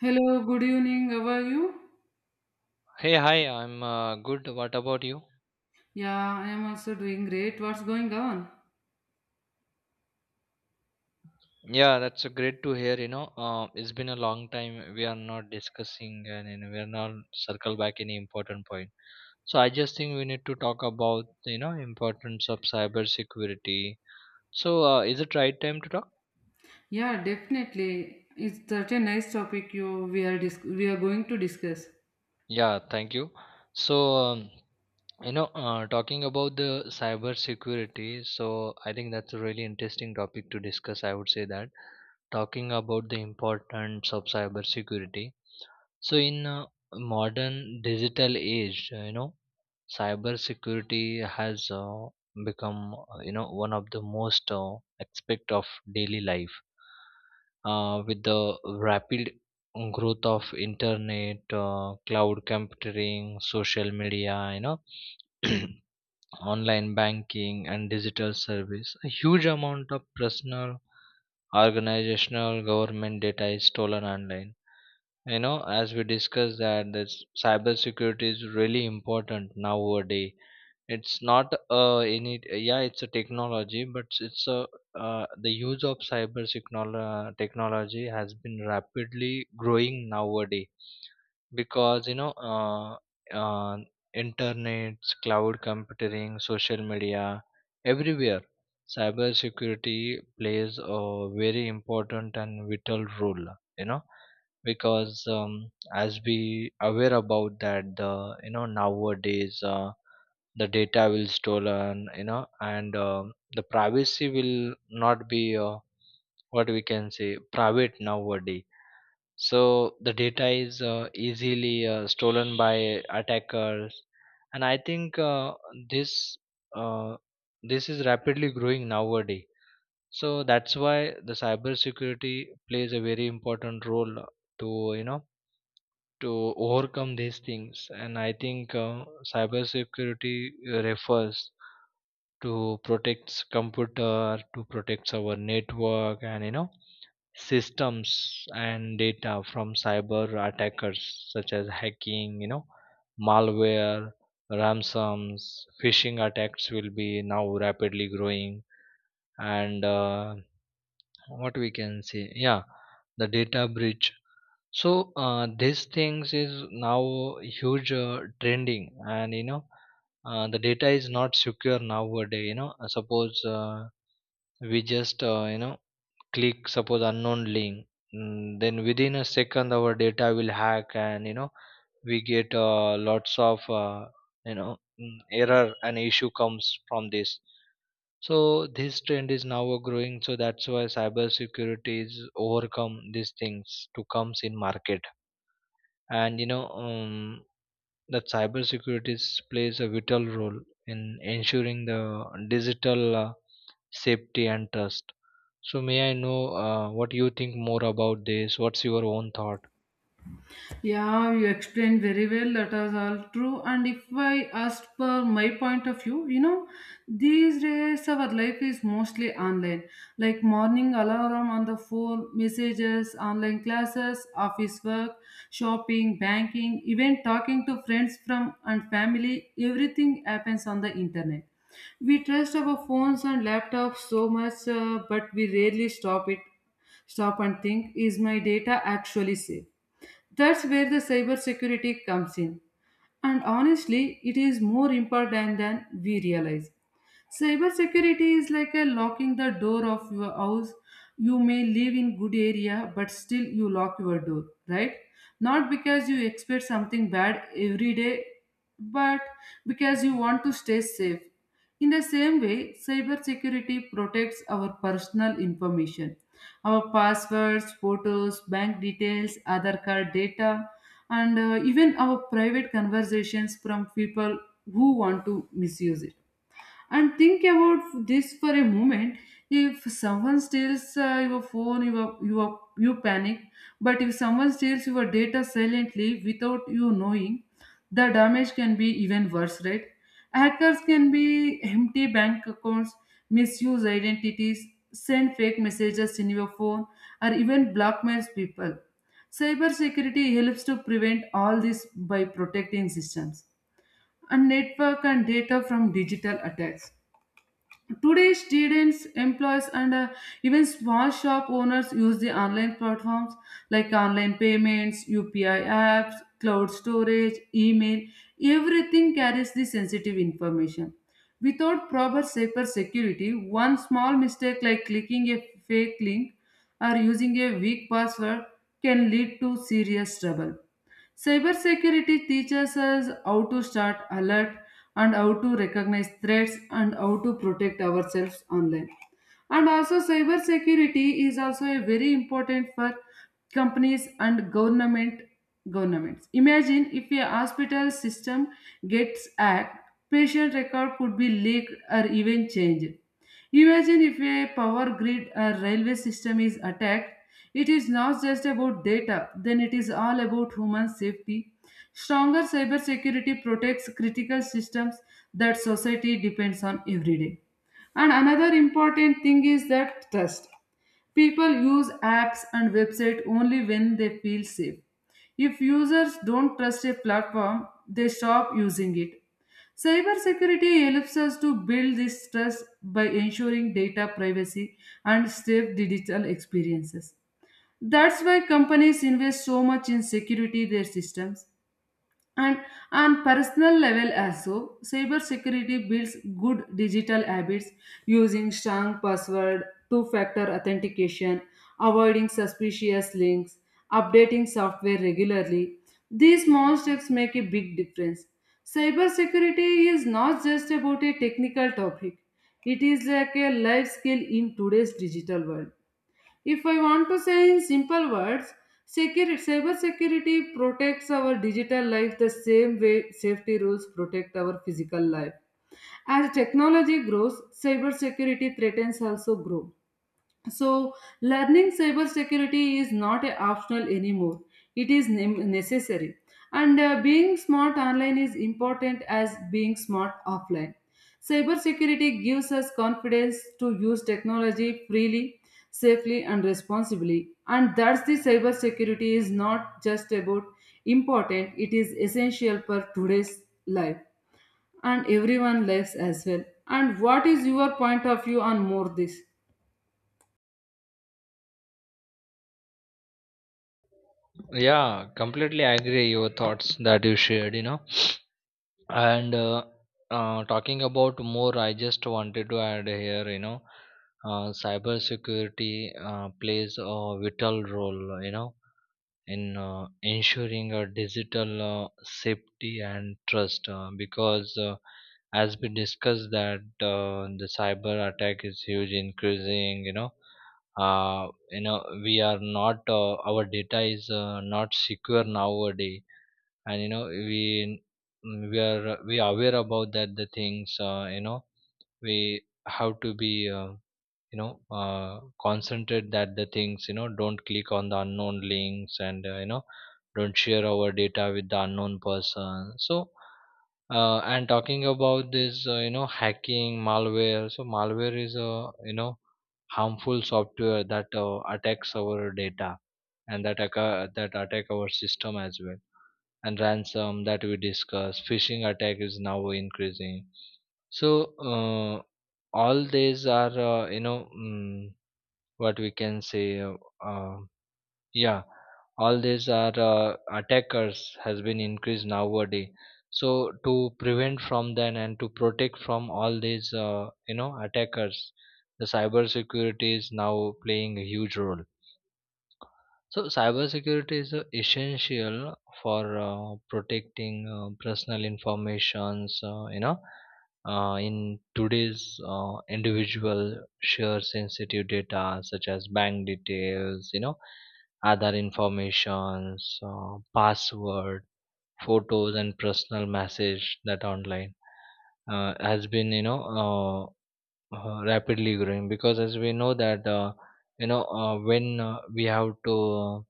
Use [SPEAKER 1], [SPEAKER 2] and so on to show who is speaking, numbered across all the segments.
[SPEAKER 1] Hello, good evening. How are you?
[SPEAKER 2] Hey, hi, I'm good. What about you?
[SPEAKER 1] Yeah, I am also doing great. What's going on?
[SPEAKER 2] Yeah, that's great to hear. It's been a long time we are not discussing and we are not circle back any important point. So I just think we need to talk about importance of cybersecurity. So is it right time to talk?
[SPEAKER 1] Yeah, definitely. It's such a nice topic you we are dis- we are going to discuss.
[SPEAKER 2] Yeah, thank you. So um, talking about the cybersecurity. So I think that's a really interesting topic to discuss. I would say that talking about the importance of cybersecurity. So in modern digital age, cybersecurity has become one of the most aspect of daily life. With the rapid growth of internet, cloud computing, social media, online banking and digital service, a huge amount of personal, organizational, government data is stolen online, as we discussed that this cyber security is really important nowadays. It's not any, yeah, it's a technology, but it's a the use of technology has been rapidly growing nowadays, because uh, internet, cloud computing, social media, everywhere, cyber security plays a very important and vital role. You know because as we aware about that the nowadays the data will stolen, and the privacy will not be what we can say private nowadays. So the data is easily stolen by attackers, and I think this uh, this is rapidly growing nowadays. So that's why the cybersecurity plays a very important role to, you know to overcome these things. And I think cyber refers to protect computer, to protect our network and, systems and data from cyber attackers, such as hacking, malware, ransoms, phishing attacks will be now rapidly growing, and what we can say, yeah, the data breach. So these things is now huge trending, and the data is not secure nowadays, you know. Suppose we just click suppose unknown link, then within a second our data will hack and, we get lots of error and issue comes from this. So this trend is now a growing, so that's why cybersecurity is overcome these things to comes in market. And that plays a vital role in ensuring the digital safety and trust. So, may I know what you think more about this? What's your own thought?
[SPEAKER 1] Yeah, you explained very well. That is all true. And if I ask for my point of view, you know, these days our life is mostly online. Like morning alarm on the phone, messages, online classes, office work, shopping, banking, even talking to friends from and family. Everything happens on the internet. We trust our phones and laptops so much, but we rarely stop it. Stop and think: is my data actually safe? That's where the cybersecurity comes in. And honestly, it is more important than we realize. Cybersecurity is like a locking the door of your house. You may live in good area, but still you lock your door, right? Not because you expect something bad every day, but because you want to stay safe. In the same way, cybersecurity protects our personal information, our passwords, photos, bank details, other card data, and even our private conversations from people who want to misuse it, and think about this for a moment. If someone steals your phone, you panic. But if someone steals your data silently without you knowing, the damage can be even worse, right? Hackers can be empty bank accounts, misuse identities, send fake messages in your phone, or even blackmails people. Cybersecurity helps to prevent all this by protecting systems and network and data from digital attacks. Today, students, employees, and even small shop owners use the online platforms like online payments, UPI apps, cloud storage, email. Everything carries the sensitive information. Without proper cyber security, one small mistake like clicking a fake link or using a weak password can lead to serious trouble. Cybersecurity teaches us how to start alert, and how to recognize threats, and how to protect ourselves online. And also cyber security is also a very important for companies and governments. Imagine if a hospital system gets hacked, patient record could be leaked or even changed. Imagine if a power grid or railway system is attacked. It is not just about data then, it is all about human safety. Stronger cyber security protects critical systems that society depends on every day. And another important thing is that trust. People use apps and websites only when they feel safe. If users don't trust a platform, they stop using it. Cybersecurity helps us to build this trust by ensuring data privacy and safe digital experiences. That's why companies invest so much in security their systems. And on personal level also, cybersecurity builds good digital habits: using strong password, two-factor authentication, avoiding suspicious links, updating software regularly. These small steps make a big difference. Cybersecurity is not just about a technical topic. It is like a life skill in today's digital world. If I want to say in simple words, cyber security protects our digital life the same way safety rules protect our physical life. As technology grows, cyber security threats also grow. So, learning cybersecurity is not a optional anymore. It is necessary. And being smart online is important as being smart offline. Cybersecurity gives us confidence to use technology freely, safely, and responsibly. And that's the cybersecurity is not just about important, it is essential for today's life and everyone lives as well. And what is your point of view on more this?
[SPEAKER 2] Yeah, completely agree your thoughts that you shared, you know. And talking about more, I just wanted to add here, you know, cybersecurity plays a vital role, you know, in ensuring a digital safety and trust, because as we discussed that the cyber attack is huge increasing, you know. We are not our data is not secure nowadays. And you know we are aware about that the things, we have to be concentrate that the things, you know, don't click on the unknown links, and, don't share our data with the unknown person. So and talking about this, hacking malware. So malware is a, you know, harmful software that attacks our data, and that attack our system as well. And ransom that we discussed, phishing attack is now increasing. So uh, all these are, what we can say, uh, yeah, all these are attackers has been increased nowadays. So to prevent from them, and to protect from all these attackers, the cyber security is now playing a huge role. So, cybersecurity is essential for protecting personal informations. In today's individual share sensitive data such as bank details, you know, other informations, password, photos, and personal message that online has been rapidly growing, because as we know that when we have to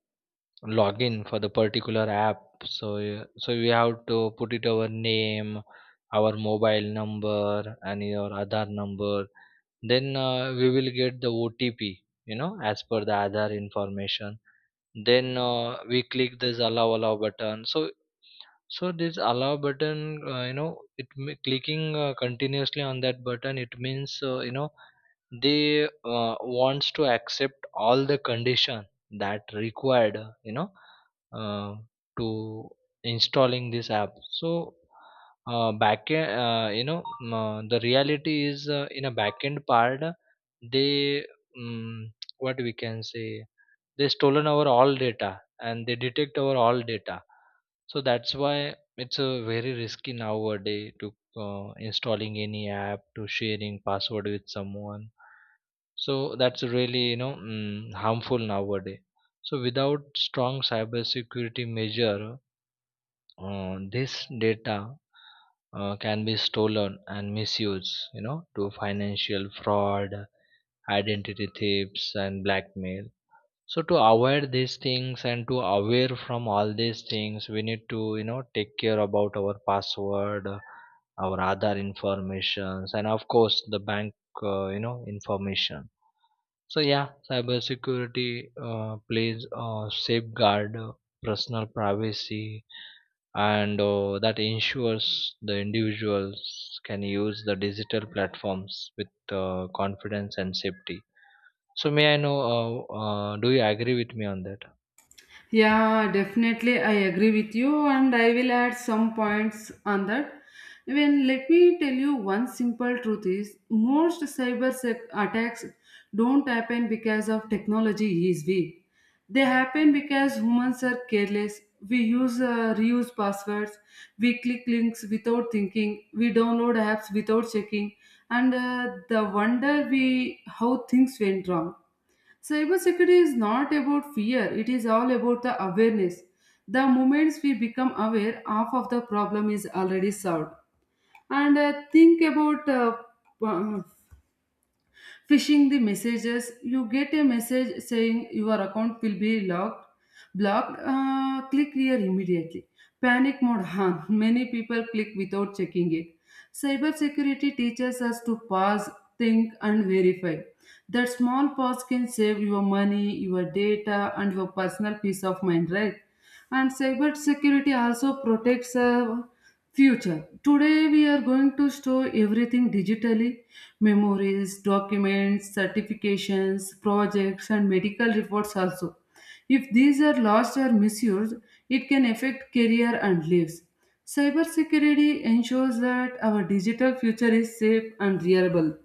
[SPEAKER 2] login for the particular app, so we have to put it our name, our mobile number, and your Aadhaar number. Then we will get the OTP, you know, as per the Aadhaar information. Then we click this allow button. So, so this allow button, clicking continuously on that button, it means, they wants to accept all the condition that required, uh, to installing this app. So back, you know, mm, the reality is, in a backend part, they, what we can say, they stolen our all data, and they detect our all data. So that's why it's a very risky nowadays to installing any app, to sharing password with someone. So that's really, harmful nowadays. So without strong cybersecurity measure, this data can be stolen and misused, you know, to financial fraud, identity thieves, and blackmail. So to avoid these things, and to aware from all these things, we need to, take care about our password, our other informations, and of course the bank, information. So yeah, cybersecurity plays a safeguard personal privacy, and that ensures the individuals can use the digital platforms with confidence and safety. So may I know, do you agree with me on that?
[SPEAKER 1] Yeah, definitely. I agree with you, and I will add some points on that. When let me tell you one simple truth is most attacks don't happen because of technology is weak. They happen because humans are careless. We use reuse passwords, we click links without thinking, we download apps without checking, and the wonder we how things went wrong. Cybersecurity is not about fear, it is all about the awareness. The moments we become aware, half of the problem is already solved. And think about uh, phishing the messages. You get a message saying your account will be blocked. Click here immediately. Panic mode, huh? Many people click without checking it. Cybersecurity teaches us to pause, think, and verify. That small pause can save your money, your data, and your personal peace of mind, right? And cybersecurity also protects our future. Today, we are going to store everything digitally: memories, documents, certifications, projects, and medical reports also. If these are lost or misused, it can affect career and lives. Cybersecurity ensures that our digital future is safe and reliable.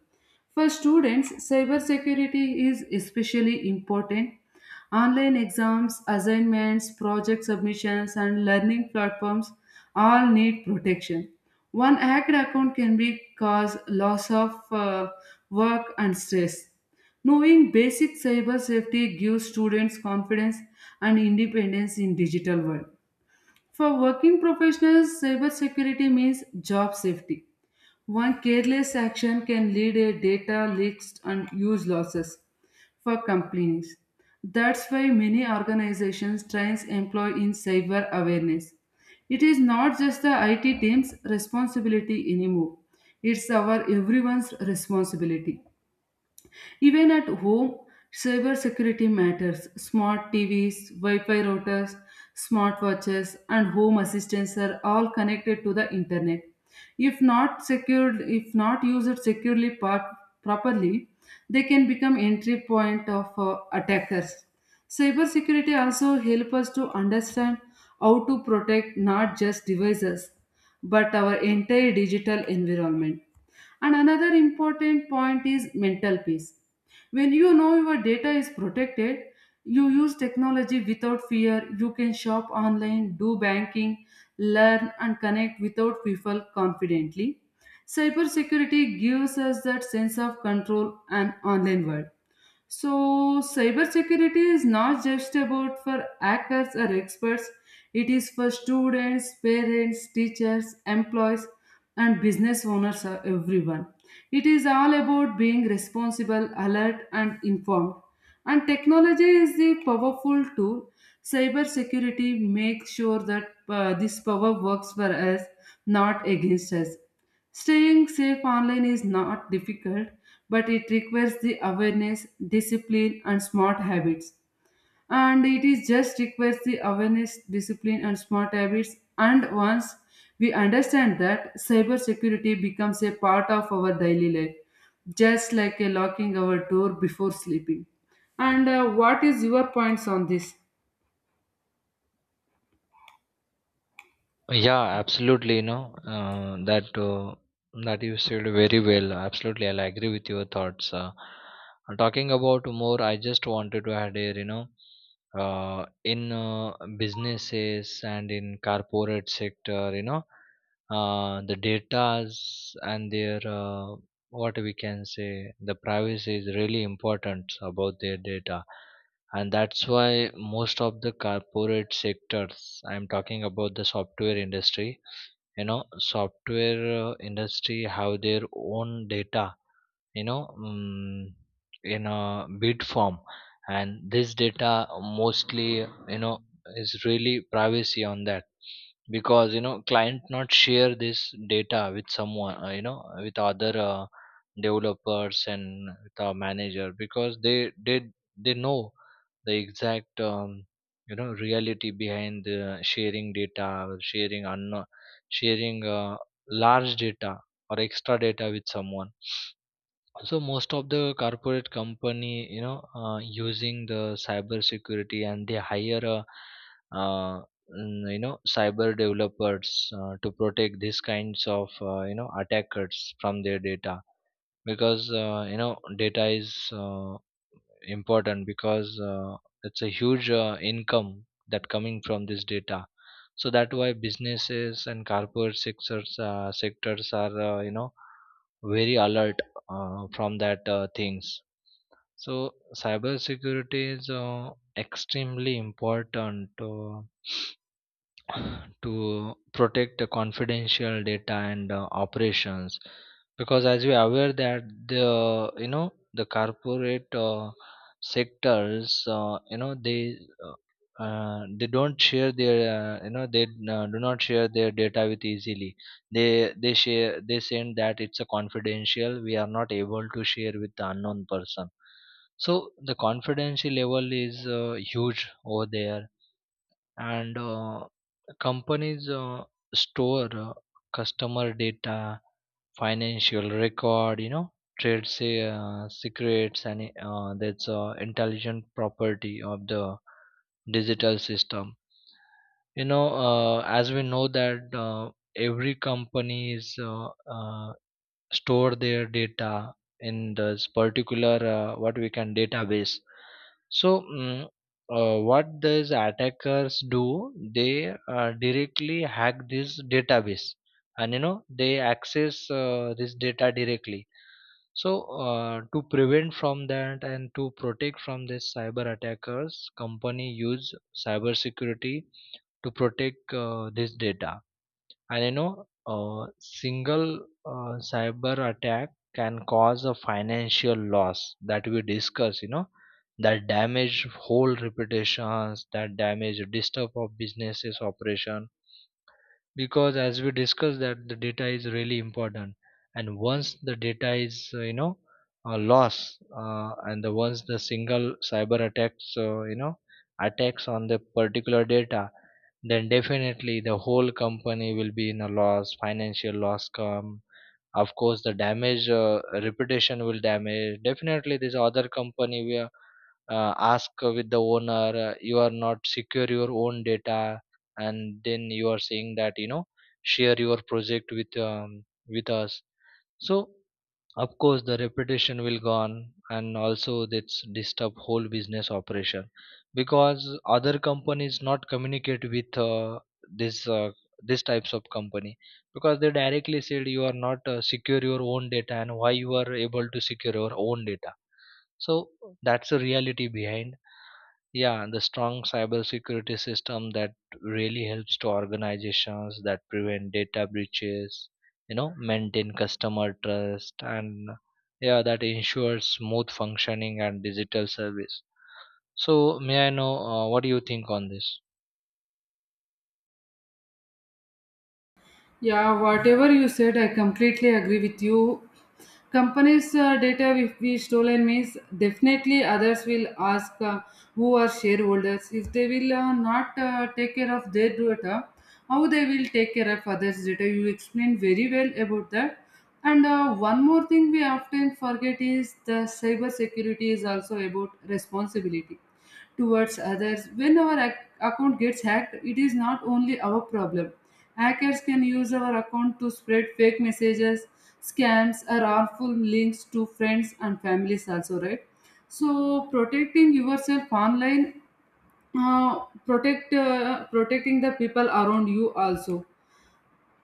[SPEAKER 1] For students, cybersecurity is especially important. Online exams, assignments, project submissions, and learning platforms all need protection. One hacked account can be cause loss of work and stress. Knowing basic cyber safety gives students confidence and independence in digital world. For working professionals, cybersecurity means job safety. One careless action can lead a data leaks and huge losses for companies. That's why many organizations trains employ in cyber awareness. It is not just the IT team's responsibility anymore. It's our everyone's responsibility. Even at home, cybersecurity matters. Smart TVs, Wi Fi routers, smart watches, and home assistants are all connected to the internet. If not secured, if not used properly, they can become entry point of attackers. Cybersecurity also help us to understand how to protect not just devices but our entire digital environment. And another important point is mental peace. When you know your data is protected, you use technology without fear. You can shop online, do banking, learn, and connect without people confidently. Cybersecurity gives us that sense of control and online world. So, cybersecurity is not just about for hackers or experts. It is for students, parents, teachers, employees, and business owners, everyone. It is all about being responsible, alert, and informed. And technology is the powerful tool. Cybersecurity makes sure that this power works for us, not against us. Staying safe online is not difficult, but it requires the awareness, discipline, and smart habits. And it is just requires the awareness, discipline, and smart habits. And once we understand that, cybersecurity becomes a part of our daily life, just like a locking our door before sleeping. And what is your points on this?
[SPEAKER 2] Yeah, absolutely. That you said very well. Absolutely, I'll agree with your thoughts. Talking about more, I just wanted to add here. You know, in businesses and in corporate sector, you know, the data's and their, what we can say, the privacy is really important about their data. And that's why most of the corporate sectors, I'm talking about the software industry, you know, software industry have their own data, you know um, in a bid form. And this data mostly, you know, is really privacy on that, because, you know, client not share this data with someone, with other developers and with our manager, because they did, they know the exact, reality behind the sharing data, or sharing large data, or extra data with someone. So most of the corporate company, using the cyber security, and they hire a uh, cyber developers to protect these kinds of, attackers from their data, because, data is important, because it's a huge income that coming from this data. So that why businesses and corporate sectors are, very alert from that things. So cyber security is extremely important to protect the confidential data and operations, because as we are aware that the, you know, the corporate sectors, uh, they don't share their, they do not share their data with easily. They share, they send that it's a confidential, we are not able to share with the unknown person. So the confidential level is huge over there. And companies store customer data, financial record, you know, trade say secrets, and that's intelligent property of the digital system. You know, as we know that every company is, store their data in this particular, what we can database. So, what these attackers do, they directly hack this database, and, you know, they access this data directly. So to prevent from that, and to protect from this cyber attackers, company use cyber security to protect this data. And, you know, a single cyber attack can cause a financial loss, that we discuss, you know, that damage whole reputations, that damage disturb of businesses operation, because as we discussed that the data is really important. And once the data is, lost, and the, once the single cyber attacks, attacks on the particular data, then definitely the whole company will be in a loss, financial loss come. Of course the damage reputation will damage, definitely this other company will ask with the owner, you are not secure your own data, and then you are saying that, you know, share your project with, with us. So, of course, the reputation will gone, and also that's disturb whole business operation, because other companies not communicate with, this uh, this types of company, because they directly said, you are not secure your own data, and why you are able to secure your own data. So that's the reality behind. Yeah, the strong cybersecurity system that really helps to organizations that prevent data breaches, you know, maintain customer trust, and, yeah, that ensures smooth functioning and digital service. So, may I know what do you think on this?
[SPEAKER 1] Yeah, whatever you said, I completely agree with you. Companies data if we stolen means definitely others will ask who are shareholders. If they will not take care of their data, how they will take care of others data. You explained very well about that. And one more thing we often forget is the cyber security is also about responsibility towards others. When our account gets hacked, it is not only our problem. Hackers can use our account to spread fake messages, scams, or harmful links to friends and families, also, right? So, protecting yourself online, protecting the people around you also.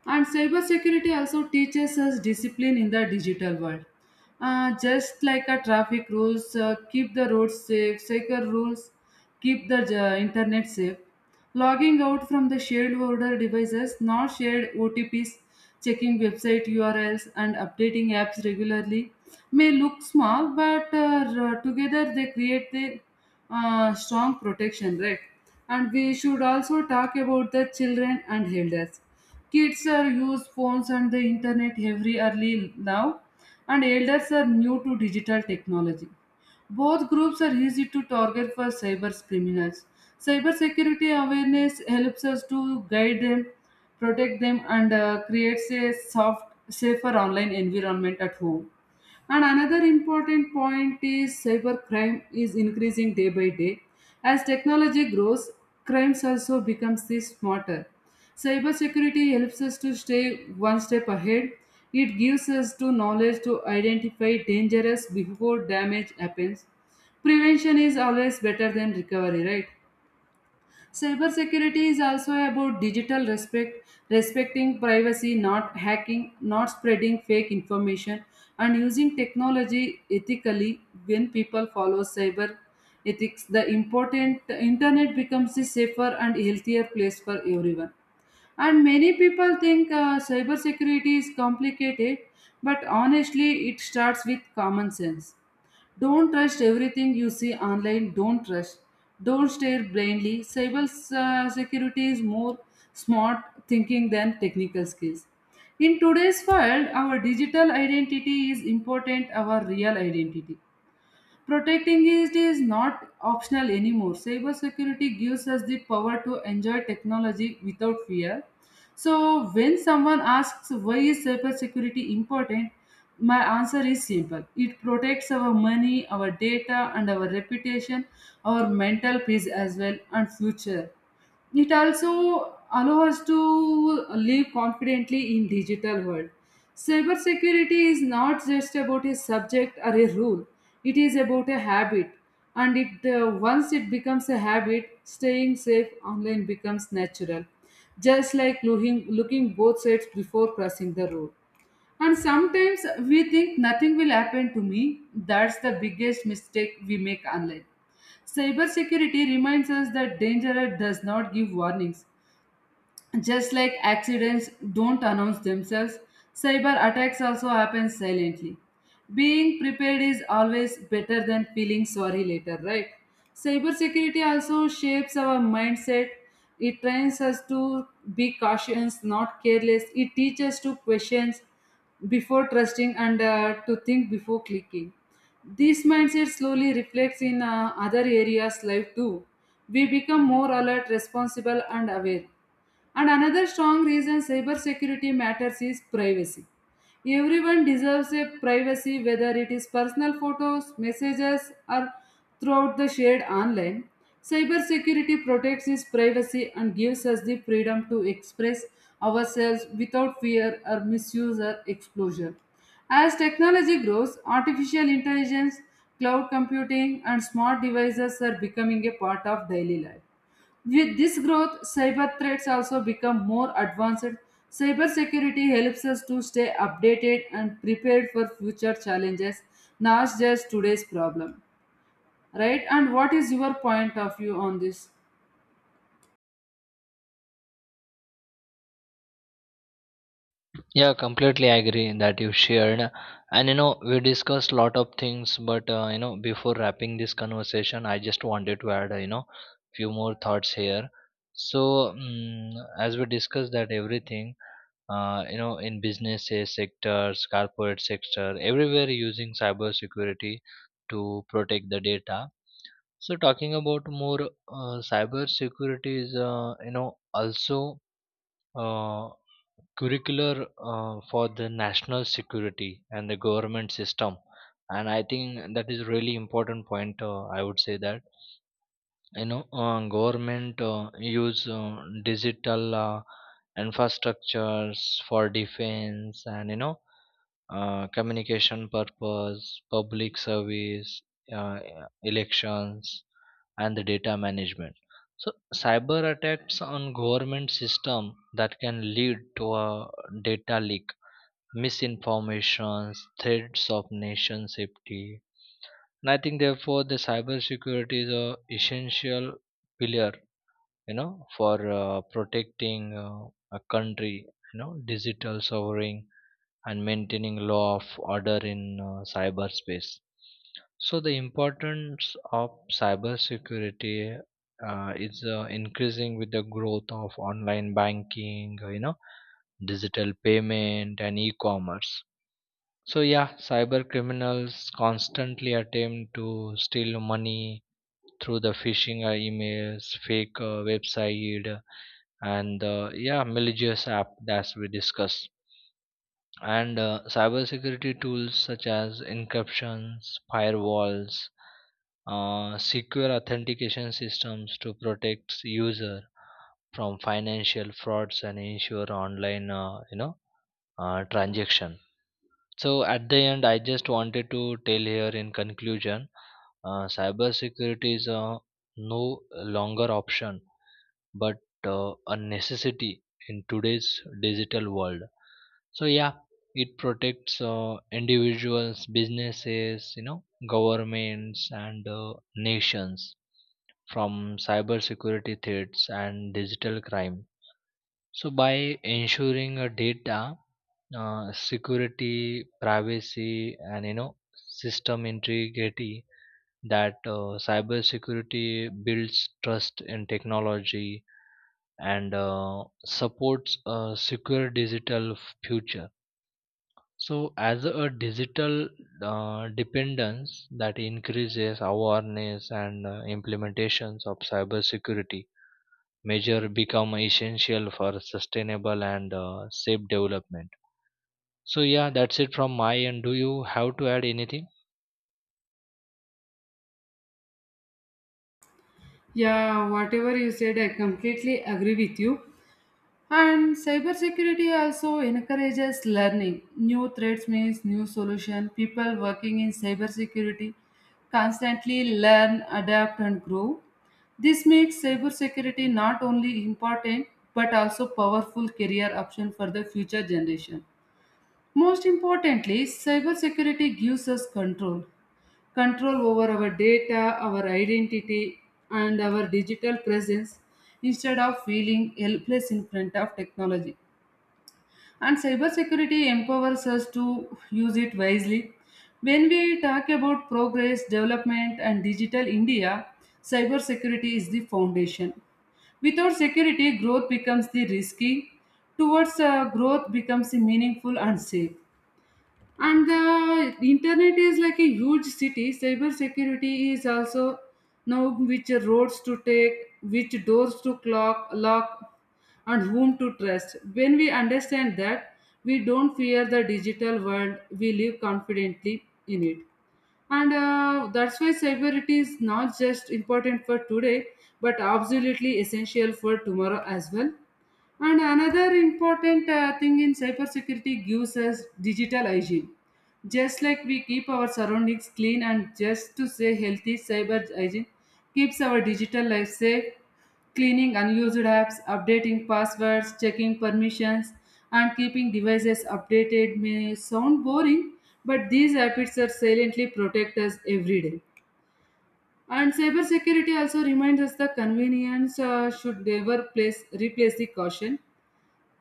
[SPEAKER 1] And cybersecurity also teaches us discipline in the digital world. Just like a traffic rules, keep the roads safe, secure rules, keep the internet safe. Logging out from the shared order devices, not shared OTPs, checking website URLs, and updating apps regularly may look small, but together they create the strong protection, right? And we should also talk about the children and elders. Kids are use phones and the internet every early now, and elders are new to digital technology. Both groups are easy to target for cyber criminals. Cybersecurity awareness helps us to guide them, protect them, and creates a soft, safer online environment at home. And another important point is cybercrime is increasing day by day. As technology grows, crimes also becomes the smarter. Cybersecurity helps us to stay one step ahead. It gives us to knowledge to identify dangerous before damage happens. Prevention is always better than recovery, right? Cybersecurity is also about digital respect: respecting privacy, not hacking, not spreading fake information, and using technology ethically. When people follow cyber ethics, the important the internet becomes a safer and healthier place for everyone. And many people think cybersecurity is complicated, but honestly, it starts with common sense. Don't trust everything you see online. Don't trust. Don't stare blindly. Cyber Security is more smart thinking than technical skills. In today's world, our digital identity is important our real identity. Protecting it is not optional anymore. Cybersecurity gives us the power to enjoy technology without fear. So, when someone asks why is cybersecurity important, my answer is simple. It protects our money, our data, and our reputation, our mental peace as well, and future. It also allows us to live confidently in digital world. Cybersecurity is not just about a subject or a rule. It is about a habit, and it once it becomes a habit, staying safe online becomes natural, just like looking both sides before crossing the road. And sometimes we think nothing will happen to me. That's the biggest mistake we make online. Cybersecurity reminds us that danger does not give warnings, just like accidents don't announce themselves, cyber attacks also happen silently. Being prepared is always better than feeling sorry later, right? Cybersecurity also shapes our mindset. It trains us to be cautious, not careless. It teaches to question before trusting and to think before clicking. This mindset slowly reflects in other areas life too. We become more alert, responsible, and aware. And another strong reason cybersecurity matters is privacy. Everyone deserves a privacy, whether it is personal photos, messages, or throughout the shared online. Cybersecurity protects his privacy and gives us the freedom to express ourselves without fear or misuse or exposure. As technology grows, artificial intelligence, cloud computing, and smart devices are becoming a part of daily life. With this growth, cyber threats also become more advanced. Cybersecurity helps us to stay updated and prepared for future challenges, not just today's problem. Right? And what is your point of view on this?
[SPEAKER 2] Yeah, completely agree that you shared. And you know, we discussed lot of things, but, before wrapping this conversation, I just wanted to add, few more thoughts here. So, mm as we discussed that everything, in businesses, sectors, corporate sector, everywhere using cybersecurity to protect the data. So, talking about more, cybersecurity is, also uh, curricular for the national security and the government system. And I think that is really important point. I would say that, government use digital infrastructures for defense, and, you know, communication purpose, public service, uh, elections, and the data management. So cyber attacks on government system that can lead to a data leak, misinformations, threats of nation safety. And I think therefore the cybersecurity is a essential pillar, you know, for protecting a country, you know, digital sovereign, and maintaining law of order in cyberspace. So the importance of cybersecurity is increasing with the growth of online banking, you know, digital payment, and e-commerce. So yeah, cyber criminals constantly attempt to steal money through the phishing emails, fake website, and, yeah, malicious app that we discussed. And cybersecurity tools such as encryptions, firewalls, secure authentication systems to protect user from financial frauds and ensure online, transaction. So at the end, I just wanted to tell here in conclusion, cybersecurity is no longer option, but a necessity in today's digital world. So yeah, it protects individuals, businesses, you know, governments, and nations from cybersecurity threats and digital crime. So by ensuring a data security, privacy, and, you know, system integrity, that cybersecurity builds trust in technology, and supports a secure digital future. So, as a digital dependence that increases awareness and implementations of cybersecurity measure become essential for sustainable and safe development. So, yeah, that's it from my end. Do you have to add anything?
[SPEAKER 1] Yeah, whatever you said, I completely agree with you. And cybersecurity also encourages learning. New threats means new solution. People working in cybersecurity constantly learn, adapt, and grow. This makes cybersecurity not only important but also powerful career option for the future generation. Most importantly, cybersecurity gives us control. Control over our data, our identity, and our digital presence instead of feeling helpless in front of technology. And cybersecurity empowers us to use it wisely. When we talk about progress, development, and digital India, cybersecurity is the foundation. Without security, growth becomes the risky. Towards growth becomes the meaningful and safe. And the internet is like a huge city. Cybersecurity is also know which roads to take, which doors to lock, and whom to trust. When we understand that, we don't fear the digital world. We live confidently in it. And that's why cybersecurity is not just important for today, but absolutely essential for tomorrow as well. And another important thing in cybersecurity gives us digital hygiene. Just like we keep our surroundings clean and just to say healthy, cyber hygiene keeps our digital life safe, cleaning unused apps, updating passwords, checking permissions, and keeping devices updated may sound boring, but these habits are silently protect us every day. And cybersecurity also reminds us the convenience should never replace the caution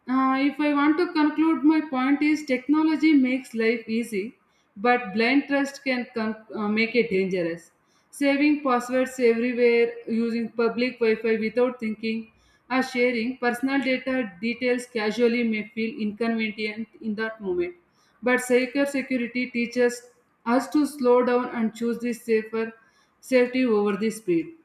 [SPEAKER 1] if I want to conclude, my point is technology makes life easy, but blind trust can make it dangerous. Saving passwords everywhere, using public Wi Fi without thinking, or sharing personal data details casually may feel inconvenient in that moment. But cybersecurity teaches us to slow down and choose the safer safety over the speed.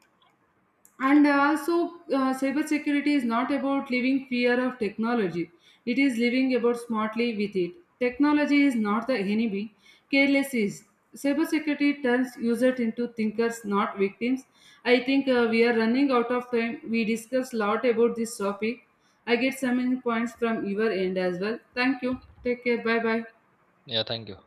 [SPEAKER 1] And also, cybersecurity is not about living fear of technology. It is living about smartly with it. Technology is not the enemy. Careless is. Cybersecurity turns users into thinkers, not victims. I think we are running out of time. We discussed a lot about this topic. I get some points from your end as well. Thank you. Take care. Bye bye.
[SPEAKER 2] Yeah, thank you.